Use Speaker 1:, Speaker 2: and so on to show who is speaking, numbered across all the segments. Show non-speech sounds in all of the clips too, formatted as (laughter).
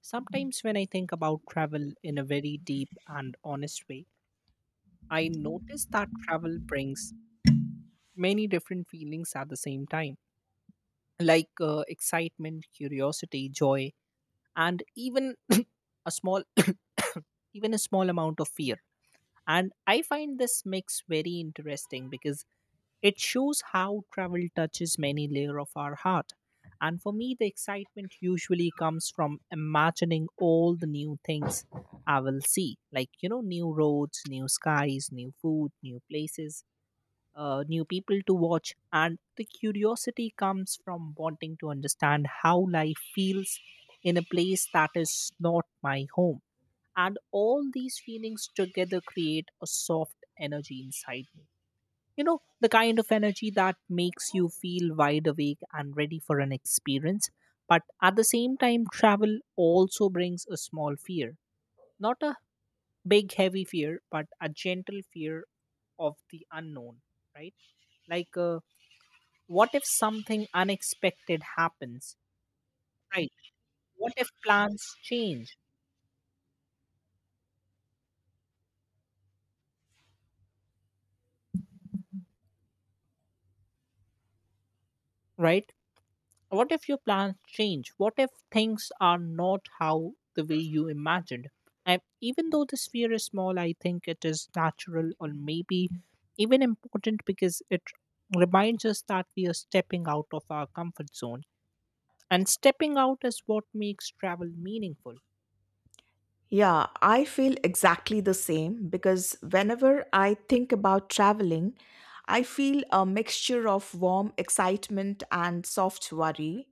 Speaker 1: Sometimes, when I think about travel in a very deep and honest way, I notice that travel brings many different feelings at the same time, like excitement, curiosity, joy, and even (clears throat) a small, (coughs) even a small amount of fear. And I find this mix very interesting because it shows how travel touches many layers of our heart. And for me, the excitement usually comes from imagining all the new things I will see, like, you know, new roads, new skies, new food, new places, new people to watch. And the curiosity comes from wanting to understand how life feels in a place that is not my home. And all these feelings together create a soft energy inside me. You know, the kind of energy that makes you feel wide awake and ready for an experience. But at the same time, travel also brings a small fear. Not a big, heavy fear, but a gentle fear of the unknown, right? Like, what if something unexpected happens, right? What if plans change, right? What if your plans change? What if things are not how the way you imagined? And even though this fear is small, I think it is natural or maybe even important because it reminds us that we are stepping out of our comfort zone. And stepping out is what makes travel meaningful.
Speaker 2: Yeah, I feel exactly the same because whenever I think about traveling, I feel a mixture of warm excitement and soft worry.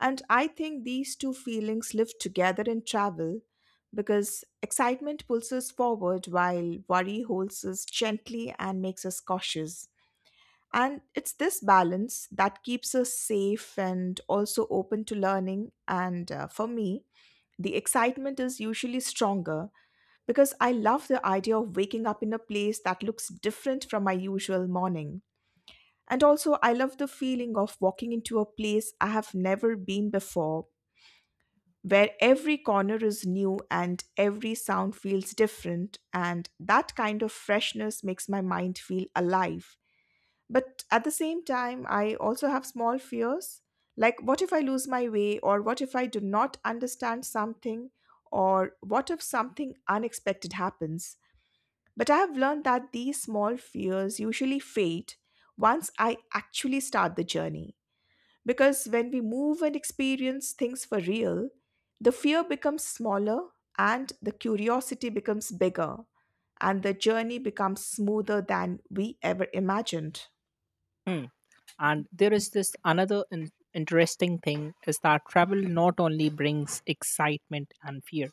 Speaker 2: And I think these two feelings live together in travel because excitement pulls us forward while worry holds us gently and makes us cautious. And it's this balance that keeps us safe and also open to learning. And For me, the excitement is usually stronger because I love the idea of waking up in a place that looks different from my usual morning. And also, I love the feeling of walking into a place I have never been before, where every corner is new and every sound feels different. And that kind of freshness makes my mind feel alive. But at the same time, I also have small fears like, what if I lose my way, or what if I do not understand something, or what if something unexpected happens? But I have learned that these small fears usually fade once I actually start the journey. Because when we move and experience things for real, the fear becomes smaller and the curiosity becomes bigger, and the journey becomes smoother than we ever imagined.
Speaker 1: Hmm. And there is this another interesting thing is that travel not only brings excitement and fear,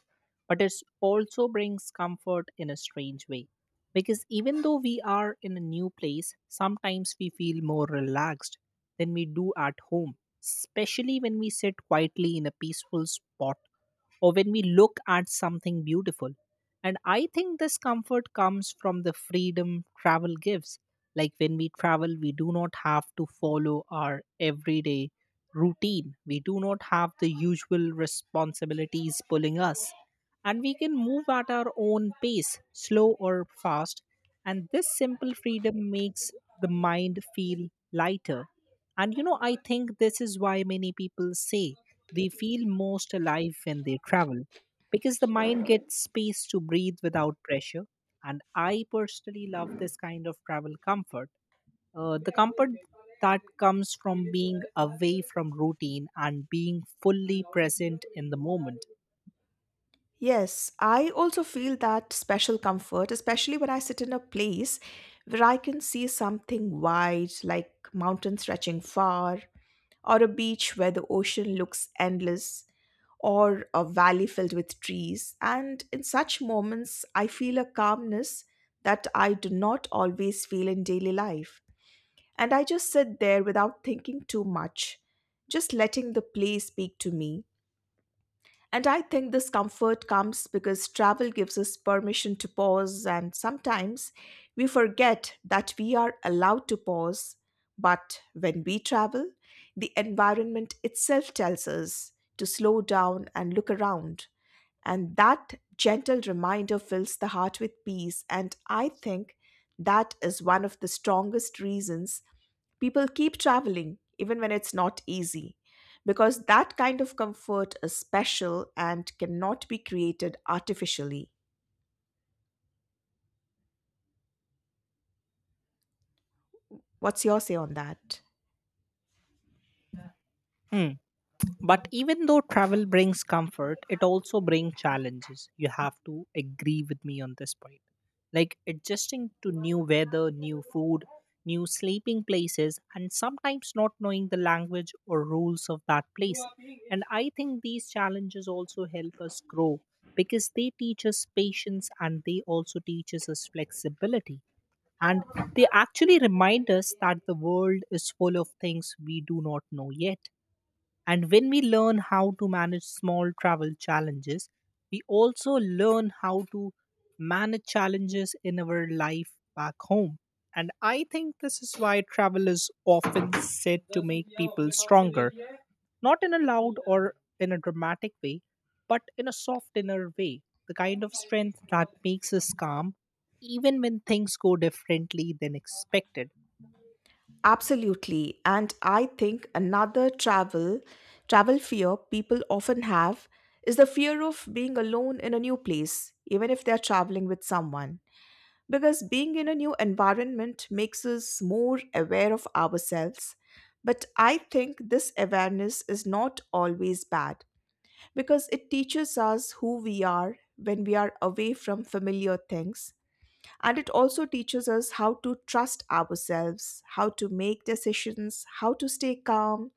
Speaker 1: but it also brings comfort in a strange way. Because even though we are in a new place, sometimes we feel more relaxed than we do at home, especially when we sit quietly in a peaceful spot or when we look at something beautiful. And I think this comfort comes from the freedom travel gives. Like when we travel, we do not have to follow our everyday routine, we do not have the usual responsibilities pulling us. And we can move at our own pace, slow or fast. And this simple freedom makes the mind feel lighter. And you know, I think this is why many people say they feel most alive when they travel because the mind gets space to breathe without pressure. And I personally love this kind of travel comfort. The comfort that comes from being away from routine and being fully present in the moment.
Speaker 2: Yes, I also feel that special comfort, especially when I sit in a place where I can see something wide, like mountains stretching far, or a beach where the ocean looks endless, or a valley filled with trees. And in such moments, I feel a calmness that I do not always feel in daily life. And I just sit there without thinking too much, just letting the place speak to me. And I think this comfort comes because travel gives us permission to pause, and sometimes we forget that we are allowed to pause. But when we travel, the environment itself tells us to slow down and look around. And that gentle reminder fills the heart with peace. And I think that is one of the strongest reasons people keep traveling even when it's not easy, because that kind of comfort is special and cannot be created artificially. What's your say on that?
Speaker 1: Hmm. But even though travel brings comfort, it also brings challenges. You have to agree with me on this point. Like adjusting to new weather, new food, new sleeping places, and sometimes not knowing the language or rules of that place. And I think these challenges also help us grow because they teach us patience and they also teaches us flexibility. And they actually remind us that the world is full of things we do not know yet. And when we learn how to manage small travel challenges, we also learn how to manage challenges in our life back home. And I think this is why travel is often said to make people stronger, not in a loud or in a dramatic way, but in a soft inner way, the kind of strength that makes us calm even when things go differently than expected.
Speaker 2: Absolutely. And I think another travel fear people often have is the fear of being alone in a new place, even if they're traveling with someone, because being in a new environment makes us more aware of ourselves. But I think this awareness is not always bad because it teaches us who we are when we are away from familiar things. And it also teaches us how to trust ourselves, how to make decisions, how to stay calm,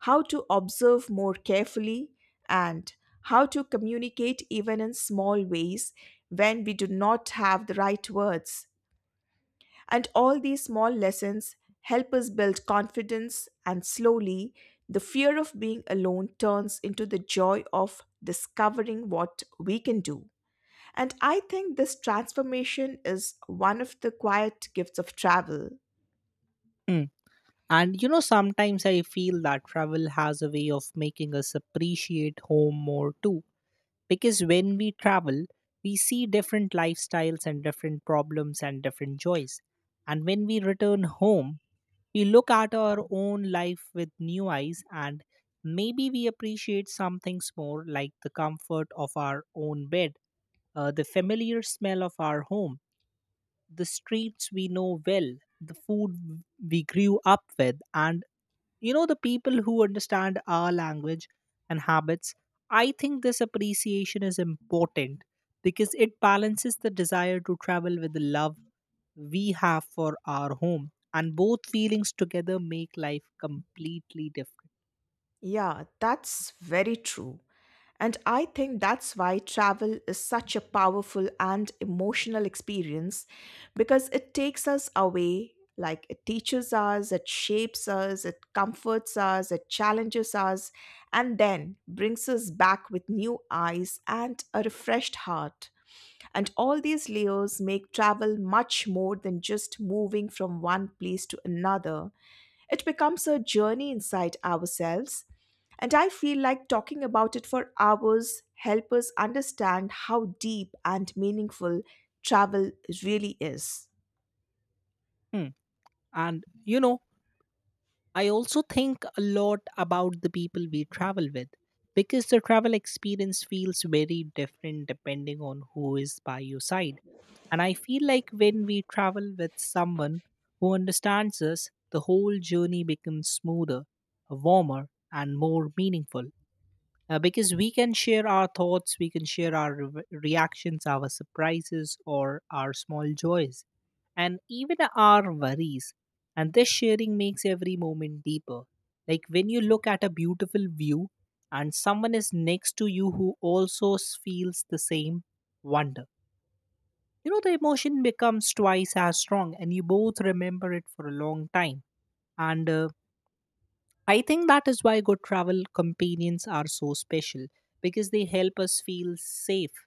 Speaker 2: how to observe more carefully, and how to communicate even in small ways when we do not have the right words. And all these small lessons help us build confidence, and slowly, the fear of being alone turns into the joy of discovering what we can do. And I think this transformation is one of the quiet gifts of travel.
Speaker 1: Hmm. And you know, sometimes I feel that travel has a way of making us appreciate home more too. Because when we travel, we see different lifestyles and different problems and different joys. And when we return home, we look at our own life with new eyes and maybe we appreciate some things more, like the comfort of our own bed, the familiar smell of our home, the streets we know well, the food we grew up with, and you know the people who understand our language and habits. I think this appreciation is important because it balances the desire to travel with the love we have for our home, and both feelings together make life completely different.
Speaker 2: Yeah, that's very true. And I think that's why travel is such a powerful and emotional experience because it takes us away, like it teaches us, it shapes us, it comforts us, it challenges us, and then brings us back with new eyes and a refreshed heart. And all these layers make travel much more than just moving from one place to another. It becomes a journey inside ourselves, and I feel like talking about it for hours help us understand how deep and meaningful travel really is.
Speaker 1: Hmm. And you know, I also think a lot about the people we travel with because the travel experience feels very different depending on who is by your side. And I feel like when we travel with someone who understands us, the whole journey becomes smoother, warmer, and more meaningful, because we can share our thoughts, we can share our reactions, our surprises, or our small joys, and even our worries. And this sharing makes every moment deeper. Like when you look at a beautiful view and someone is next to you who also feels the same wonder, you know, the emotion becomes twice as strong, and you both remember it for a long time. And I think that is why good travel companions are so special because they help us feel safe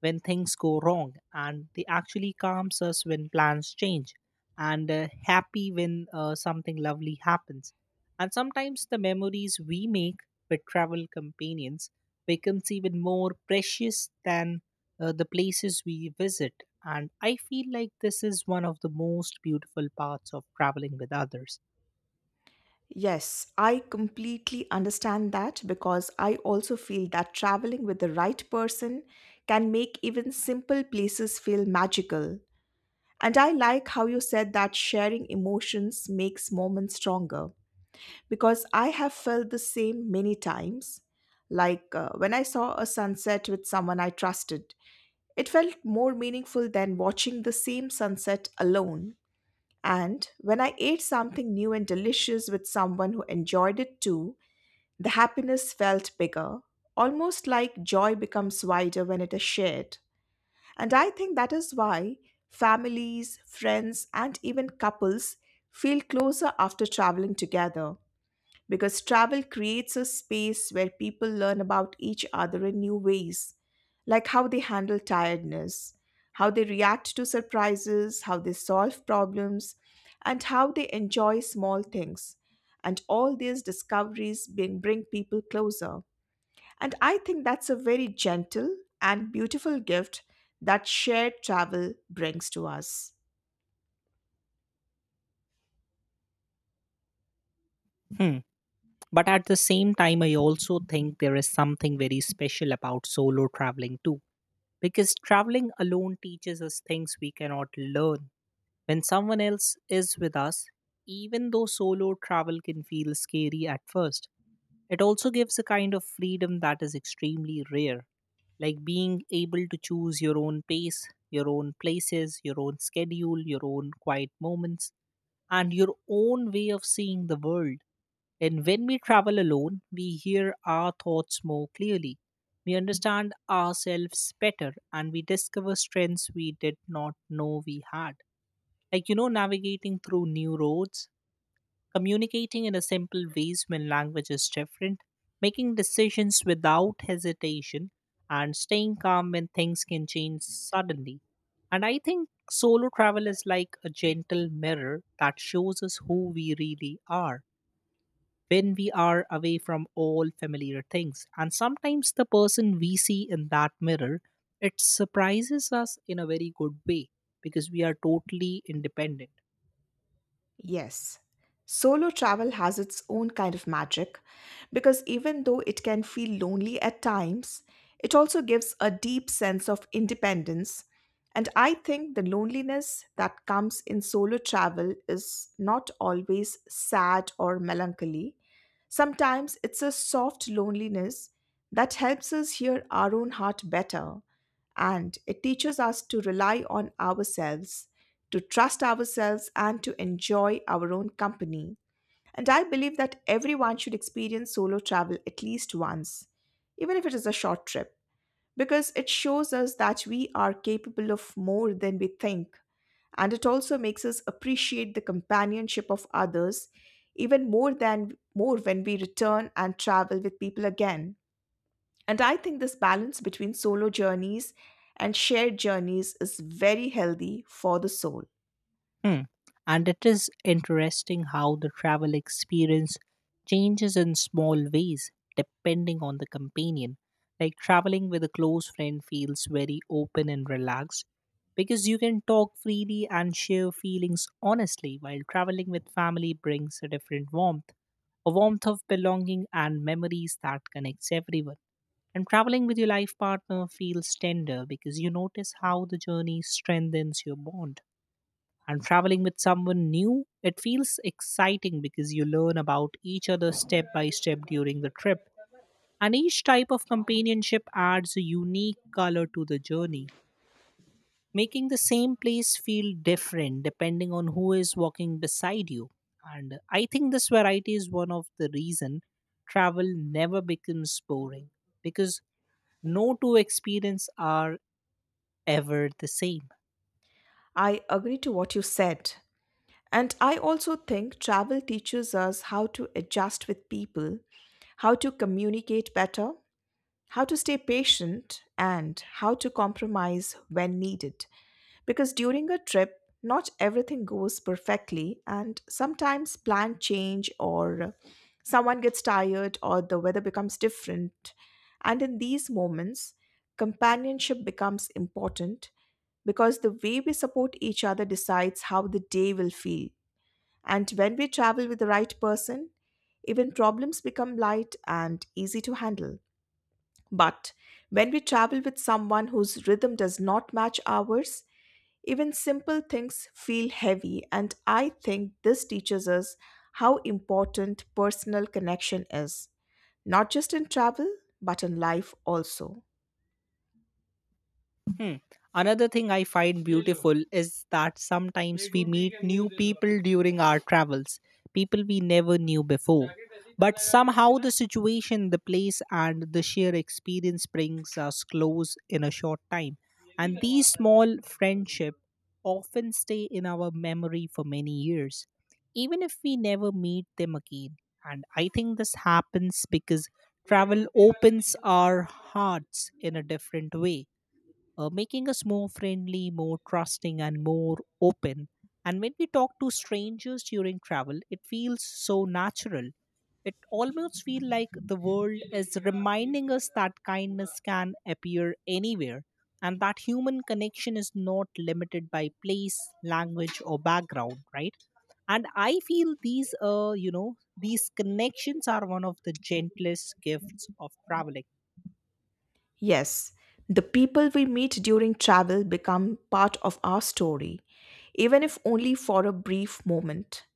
Speaker 1: when things go wrong, and they actually calms us when plans change, and happy when something lovely happens. And sometimes the memories we make with travel companions becomes even more precious than the places we visit. And I feel like this is one of the most beautiful parts of traveling with others.
Speaker 2: Yes, I completely understand that because I also feel that traveling with the right person can make even simple places feel magical. And I like how you said that sharing emotions makes moments stronger, because I have felt the same many times. Like when I saw a sunset with someone I trusted, it felt more meaningful than watching the same sunset alone. And when I ate something new and delicious with someone who enjoyed it too, the happiness felt bigger, almost like joy becomes wider when it is shared. And I think that is why families, friends, and even couples feel closer after traveling together, because travel creates a space where people learn about each other in new ways, like how they handle tiredness, how they react to surprises, how they solve problems, and how they enjoy small things. And all these discoveries bring people closer. And I think that's a very gentle and beautiful gift that shared travel brings to us.
Speaker 1: Hmm. But at the same time, I also think there is something very special about solo traveling too, because traveling alone teaches us things we cannot learn when someone else is with us. Even though solo travel can feel scary at first, it also gives a kind of freedom that is extremely rare, like being able to choose your own pace, your own places, your own schedule, your own quiet moments, and your own way of seeing the world. And when we travel alone, we hear our thoughts more clearly. We understand ourselves better and we discover strengths we did not know we had. Like, you know, navigating through new roads, communicating in a simple ways when language is different, making decisions without hesitation, and staying calm when things can change suddenly. And I think solo travel is like a gentle mirror that shows us who we really are when we are away from all familiar things. And sometimes the person we see in that mirror, it surprises us in a very good way because we are totally independent.
Speaker 2: Yes. Solo travel has its own kind of magic because even though it can feel lonely at times, it also gives a deep sense of independence. And I think the loneliness that comes in solo travel is not always sad or melancholy. Sometimes it's a soft loneliness that helps us hear our own heart better, and it teaches us to rely on ourselves, to trust ourselves, and to enjoy our own company. And I believe that everyone should experience solo travel at least once, even if it is a short trip, because it shows us that we are capable of more than we think. And it also makes us appreciate the companionship of others even more than more when we return and travel with people again. And I think this balance between solo journeys and shared journeys is very healthy for the soul.
Speaker 1: Hmm. And it is interesting how the travel experience changes in small ways depending on the companion. Like traveling with a close friend feels very open and relaxed because you can talk freely and share feelings honestly, while traveling with family brings a different warmth, a warmth of belonging and memories that connects everyone. And traveling with your life partner feels tender because you notice how the journey strengthens your bond. And traveling with someone new, it feels exciting because you learn about each other step by step during the trip. And each type of companionship adds a unique color to the journey, making the same place feel different depending on who is walking beside you. And I think this variety is one of the reason travel never becomes boring, because no two experiences are ever the same.
Speaker 2: I agree to what you said. And I also think travel teaches us how to adjust with people, how to communicate better, how to stay patient, and how to compromise when needed. Because during a trip, not everything goes perfectly, and sometimes plans change, or someone gets tired, or the weather becomes different. And in these moments, companionship becomes important because the way we support each other decides how the day will feel. And when we travel with the right person, even problems become light and easy to handle. But when we travel with someone whose rhythm does not match ours, even simple things feel heavy, and I think this teaches us how important personal connection is, not just in travel, but in life also.
Speaker 1: Hmm. Another thing I find beautiful is that sometimes we meet new people during our travels, people we never knew before. But somehow the situation, the place, and the sheer experience brings us close in a short time. And these small friendships often stay in our memory for many years, even if we never meet them again. And I think this happens because travel opens our hearts in a different way, making us more friendly, more trusting, and more open. And when we talk to strangers during travel, it feels so natural. It almost feels like the world is reminding us that kindness can appear anywhere and that human connection is not limited by place, language, or background, right? And I feel these, you know, these connections are one of the gentlest gifts of traveling.
Speaker 2: Yes, the people we meet during travel become part of our story, even if only for a brief moment.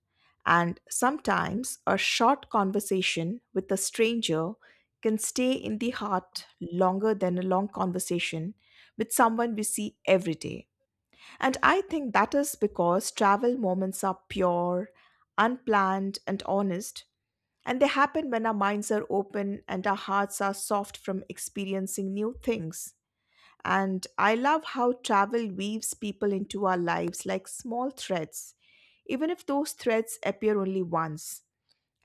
Speaker 2: And sometimes a short conversation with a stranger can stay in the heart longer than a long conversation with someone we see every day. And I think that is because travel moments are pure, unplanned, and honest. And they happen when our minds are open and our hearts are soft from experiencing new things. And I love how travel weaves people into our lives like small threads, even if those threads appear only once.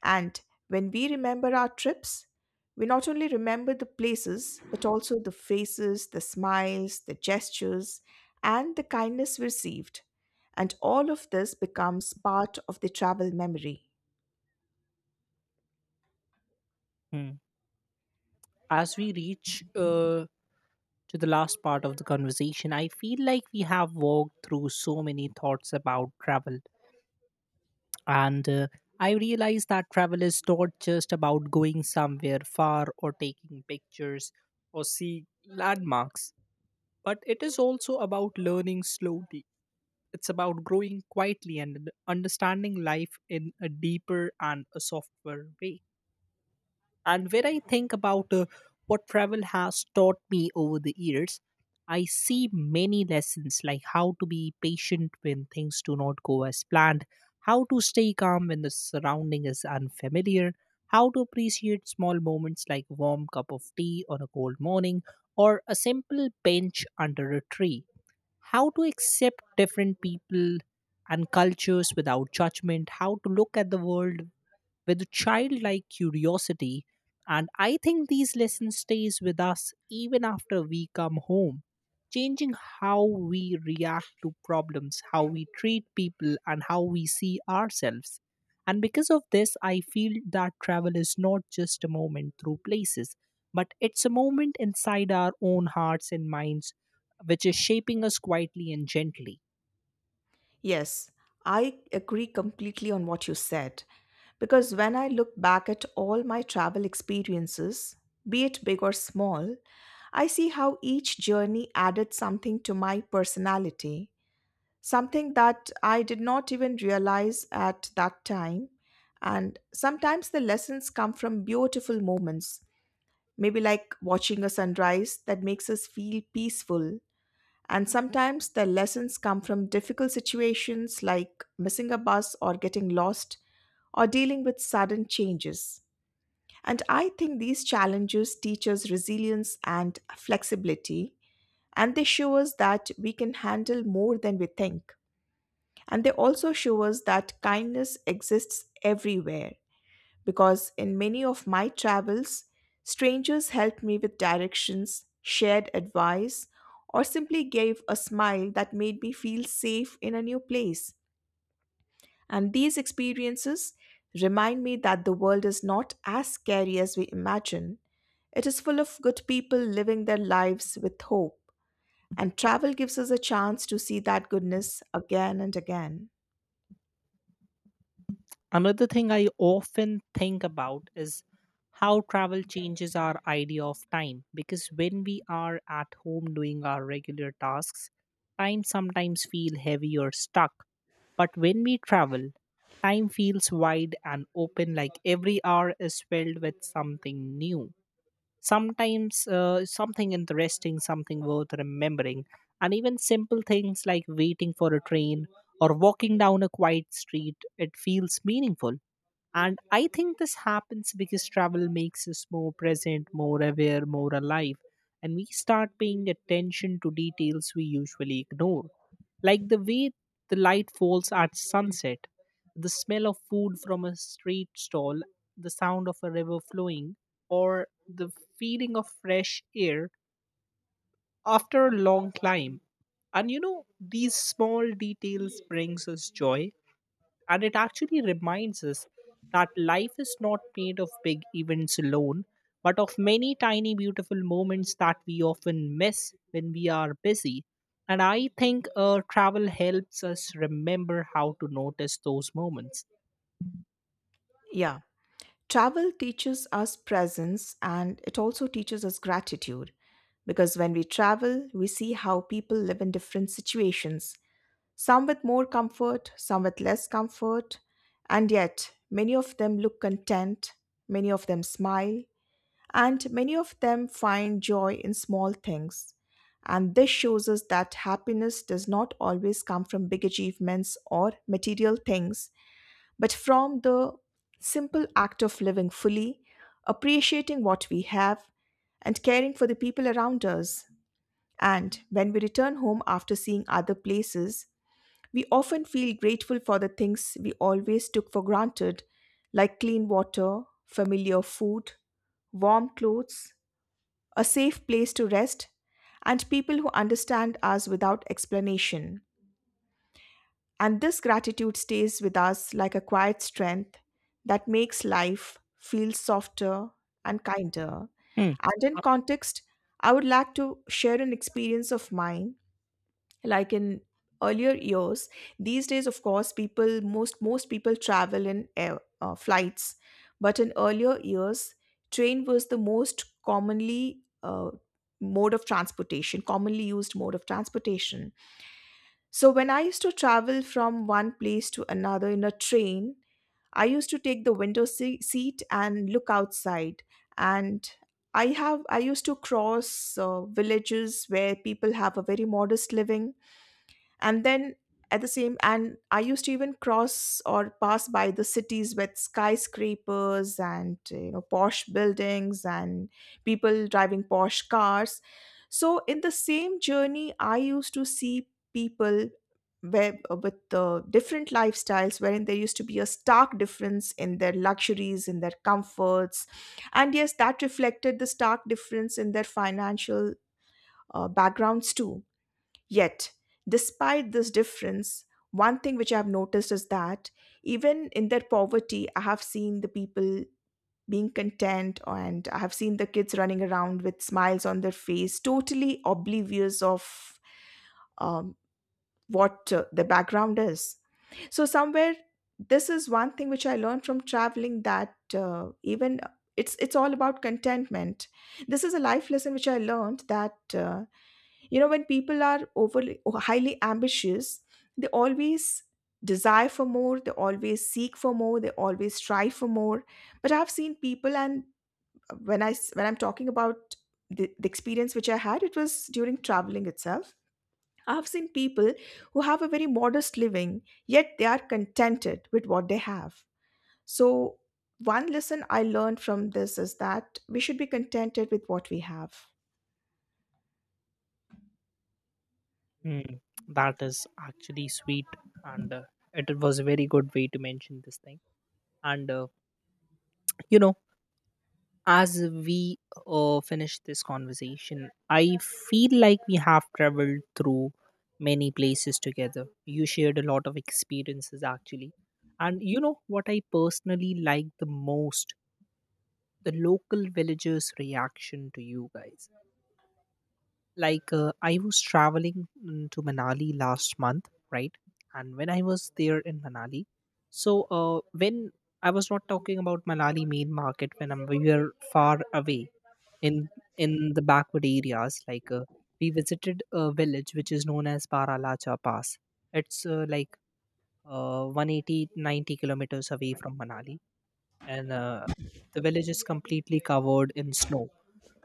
Speaker 2: And when we remember our trips, we not only remember the places, but also the faces, the smiles, the gestures, and the kindness we received. And all of this becomes part of the travel memory.
Speaker 1: Hmm. As we reach to the last part of the conversation, I feel like we have walked through so many thoughts about travel. And I realize that travel is not just about going somewhere far or taking pictures or seeing landmarks, but it is also about learning slowly. It's about growing quietly and understanding life in a deeper and a softer way. And when I think about what travel has taught me over the years, I see many lessons like how to be patient when things do not go as planned, how to stay calm when the surrounding is unfamiliar, how to appreciate small moments like a warm cup of tea on a cold morning or a simple bench under a tree, how to accept different people and cultures without judgment, how to look at the world with childlike curiosity. And I think these lessons stays with us even after we come home, changing how we react to problems, how we treat people, and how we see ourselves. And because of this, I feel that travel is not just a moment through places, but it's a moment inside our own hearts and minds, which is shaping us quietly and gently.
Speaker 2: Yes, I agree completely on what you said. Because when I look back at all my travel experiences, be it big or small, I see how each journey added something to my personality, something that I did not even realize at that time. And sometimes the lessons come from beautiful moments, maybe like watching a sunrise that makes us feel peaceful, and sometimes the lessons come from difficult situations like missing a bus or getting lost or dealing with sudden changes. And I think these challenges teach us resilience and flexibility, and they show us that we can handle more than we think. And they also show us that kindness exists everywhere because in many of my travels, strangers helped me with directions, shared advice, or simply gave a smile that made me feel safe in a new place. And these experiences remind me that the world is not as scary as we imagine. It is full of good people living their lives with hope. And travel gives us a chance to see that goodness again and again.
Speaker 1: Another thing I often think about is how travel changes our idea of time, because when we are at home doing our regular tasks, time sometimes feel heavy or stuck. But when we travel, time feels wide and open, like every hour is filled with something new. Sometimes something interesting, something worth remembering, and even simple things like waiting for a train or walking down a quiet street, it feels meaningful. And I think this happens because travel makes us more present, more aware, more alive. And we start paying attention to details we usually ignore, like the way the light falls at sunset, the smell of food from a street stall, the sound of a river flowing, or the feeling of fresh air after a long climb. And these small details brings us joy and it actually reminds us that life is not made of big events alone, but of many tiny, beautiful moments that we often miss when we are busy. And I think travel helps us remember how to notice those moments.
Speaker 2: Yeah. Travel teaches us presence and it also teaches us gratitude because when we travel, we see how people live in different situations, some with more comfort, some with less comfort, and yet many of them look content, many of them smile, and many of them find joy in small things. And this shows us that happiness does not always come from big achievements or material things, but from the simple act of living fully, appreciating what we have, and caring for the people around us. And when we return home after seeing other places, we often feel grateful for the things we always took for granted, like clean water, familiar food, warm clothes, a safe place to rest, and people who understand us without explanation. And this gratitude stays with us like a quiet strength that makes life feel softer and kinder.
Speaker 1: Hmm.
Speaker 2: And in
Speaker 1: Uh,
Speaker 2: context, I would like to share an experience of mine. Like in earlier years, these days, of course, people most most people travel in air flights, but in earlier years, train was the most commonly mode of transportation, commonly used mode of transportation. So when I used to travel from one place to another in a train, I used to take the window seat and look outside. And I used to cross villages where people have a very modest living, and then at the same and I used to even cross or pass by the cities with skyscrapers and you know, posh buildings and people driving posh cars. So in the same journey I used to see people with the different lifestyles, wherein there used to be a stark difference in their luxuries, in their comforts. And yes, that reflected the stark difference in their financial backgrounds too. Yet, despite this difference, one thing which I've noticed is that even in their poverty, I have seen the people being content, and I have seen the kids running around with smiles on their face, totally oblivious of um, what the background is. So, somewhere, this is one thing which I learned from traveling, that even it's all about contentment. This is a life lesson which I learned, that you know, when people are overly highly ambitious, they always desire for more, they always seek for more, they always strive for more. But I've seen people, and when when I'm talking about the experience which I had, it was during traveling itself. I've seen people who have a very modest living, yet they are contented with what they have. So, one lesson I learned from this is that we should be contented with what we have.
Speaker 1: hmm. That is actually sweet. And it was a very good way to mention this thing. And, you know, as we finish this conversation, I feel like we have traveled through many places together. You shared a lot of experiences actually. And you know what I personally like the most? The local villagers' reaction to you guys, like I was traveling to manali last month, right? And when I was there in manali, so when I was not talking about manali main market. We were far away in the backward areas. Like we visited a village which is known as paralacha pass. It's like 180, 90 kilometers away from manali. And the village is completely covered in snow.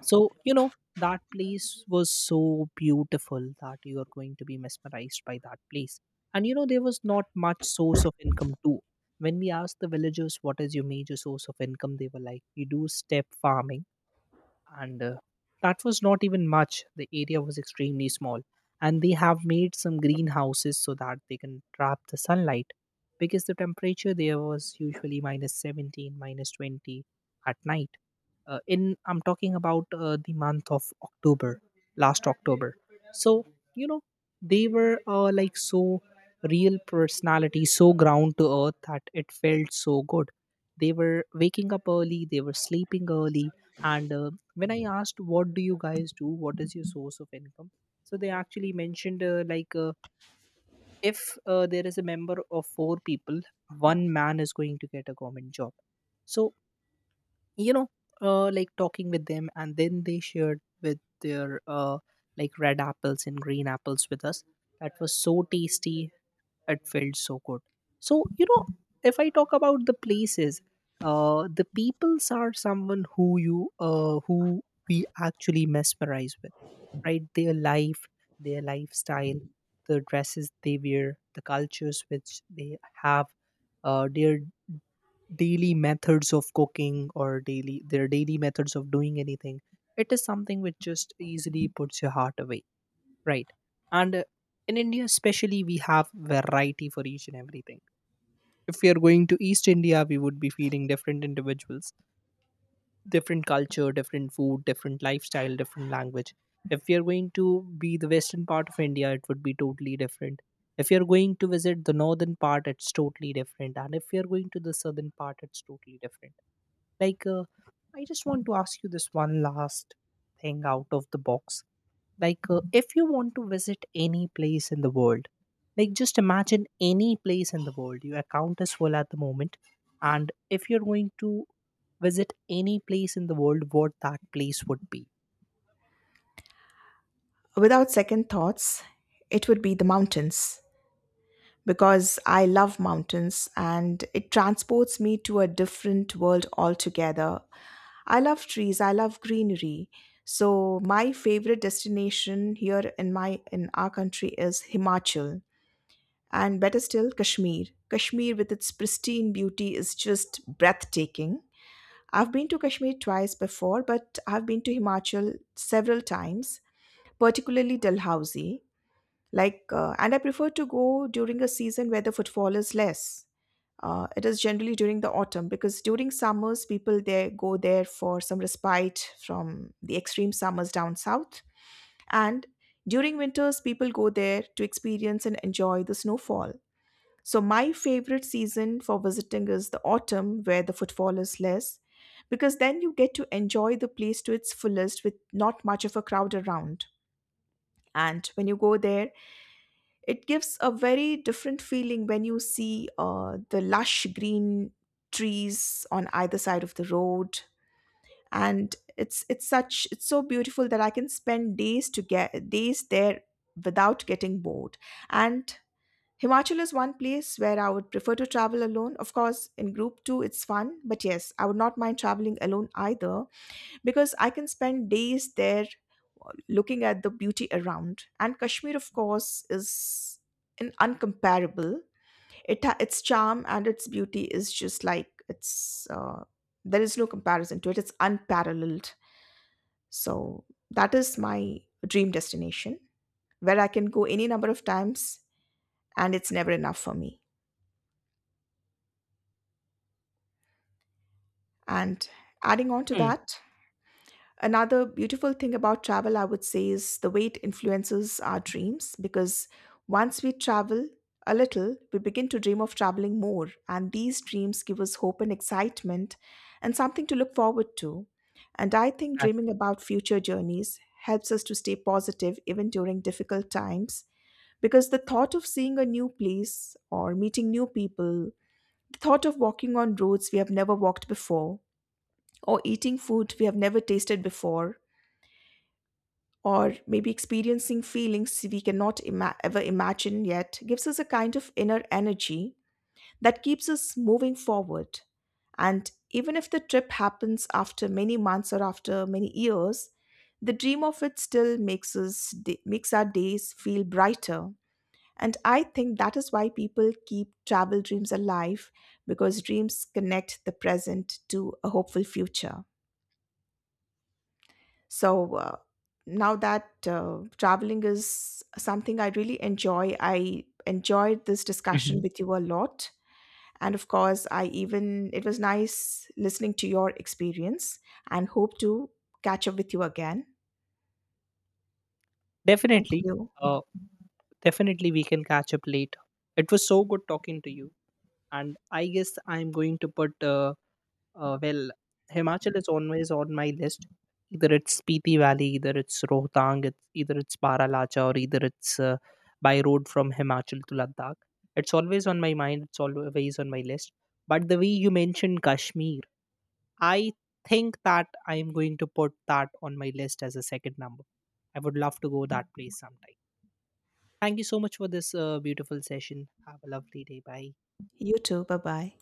Speaker 1: So, you know, that place was so beautiful that you are going to be mesmerized by that place. And, you know, there was not much source of income too. When we asked the villagers, what is your major source of income? They were like, we do step farming. And that was not even much. The area was extremely small and they have made some greenhouses so that they can trap the sunlight, because the temperature there was usually minus 17 minus 20 at night. In I'm talking about the month of october, last october. So, you know, they were like so real personality, so ground to earth that it felt so good. They were waking up early, they were sleeping early. And when I asked, what do you guys do, what is your source of income? So they actually mentioned, if there is a member of 4 people, one man is going to get a government job. So, you know, like talking with them, and then they shared with their like red apples and green apples with us. That was so tasty. It felt so good. So, you know, if I talk about the places, the peoples are someone who you, who we actually mesmerize with, right? Their life, their lifestyle, the dresses they wear, the cultures which they have, their daily methods of cooking, or daily their daily methods of doing anything. It is something which just easily puts your heart away, right? And in india especially we have variety for each and everything. If we are going to east india, we would be feeding different individuals, different culture, different food, different lifestyle, different language. If we are going to be the western part of india, it would be totally different. If you're going to visit the northern part, it's totally different. And if you're going to the southern part, it's totally different. Like, I just want to ask you this one last thing out of the box. Like, if you want to visit any place in the world, like, just imagine any place in the world. Your account is full at the moment. And if you're going to visit any place in the world, what that place would be?
Speaker 2: Without second thoughts, it would be the mountains because I love mountains and it transports me to a different world altogether. I love trees, I love greenery. So my favorite destination here in my in our country is Himachal and better still Kashmir. Kashmir with its pristine beauty is just breathtaking. I've been to Kashmir twice before, but I've been to Himachal several times, particularly Dalhousie. Like, and I prefer to go during a season where the footfall is less. It is generally during the autumn because during summers people there go there for some respite from the extreme summers down south, and during winters people go there to experience and enjoy the snowfall. So my favorite season for visiting is the autumn, where the footfall is less because then you get to enjoy the place to its fullest with not much of a crowd around. And when you go there, it gives a very different feeling when you see the lush green trees on either side of the road, and it's so beautiful that I can spend days there without getting bored. And Himachal is one place where I would prefer to travel alone. Of course, in group two, it's fun, but yes, I would not mind traveling alone either because I can spend days there looking at the beauty around. And Kashmir, of course, is an uncomparable. Its charm and its beauty is just like it's. There is no comparison to it. It's unparalleled. So that is my dream destination where I can go any number of times and it's never enough for me. And adding on to
Speaker 1: Hmm.
Speaker 2: that, another beautiful thing about travel, I would say, is the way it influences our dreams, because once we travel a little, we begin to dream of traveling more. And these dreams give us hope and excitement and something to look forward to. And I think
Speaker 1: Exactly.
Speaker 2: dreaming about future journeys helps us to stay positive even during difficult times, because the thought of seeing a new place or meeting new people, the thought of walking on roads we have never walked before, or eating food we have never tasted before, or maybe experiencing feelings we cannot ever imagine yet, gives us a kind of inner energy that keeps us moving forward. And even if the trip happens after many months or after many years, the dream of it still makes our days feel brighter. And I think that is why people keep travel dreams alive, because dreams connect the present to a hopeful future. So now that traveling is something I really enjoy, I enjoyed this
Speaker 1: Mhm.
Speaker 2: discussion with you a lot. And of course, it was nice listening to your experience and hope to catch up with you again. Thank
Speaker 1: Definitely,
Speaker 2: you.
Speaker 1: uh, definitely we can catch up later. It was so good talking to you. And I guess I'm going to put Uh, well, Himachal is always on my list. Either it's Spiti Valley, either it's Rohtang, either it's Paralacha, or either it's by road from Himachal to Ladakh. It's always on my mind. It's always on my list. But the way you mentioned Kashmir, I think that I'm going to put that on my list as a second number. I would love to go that place sometime. Thank you so much for this beautiful session. Have a lovely day. Bye.
Speaker 2: You too. Bye bye.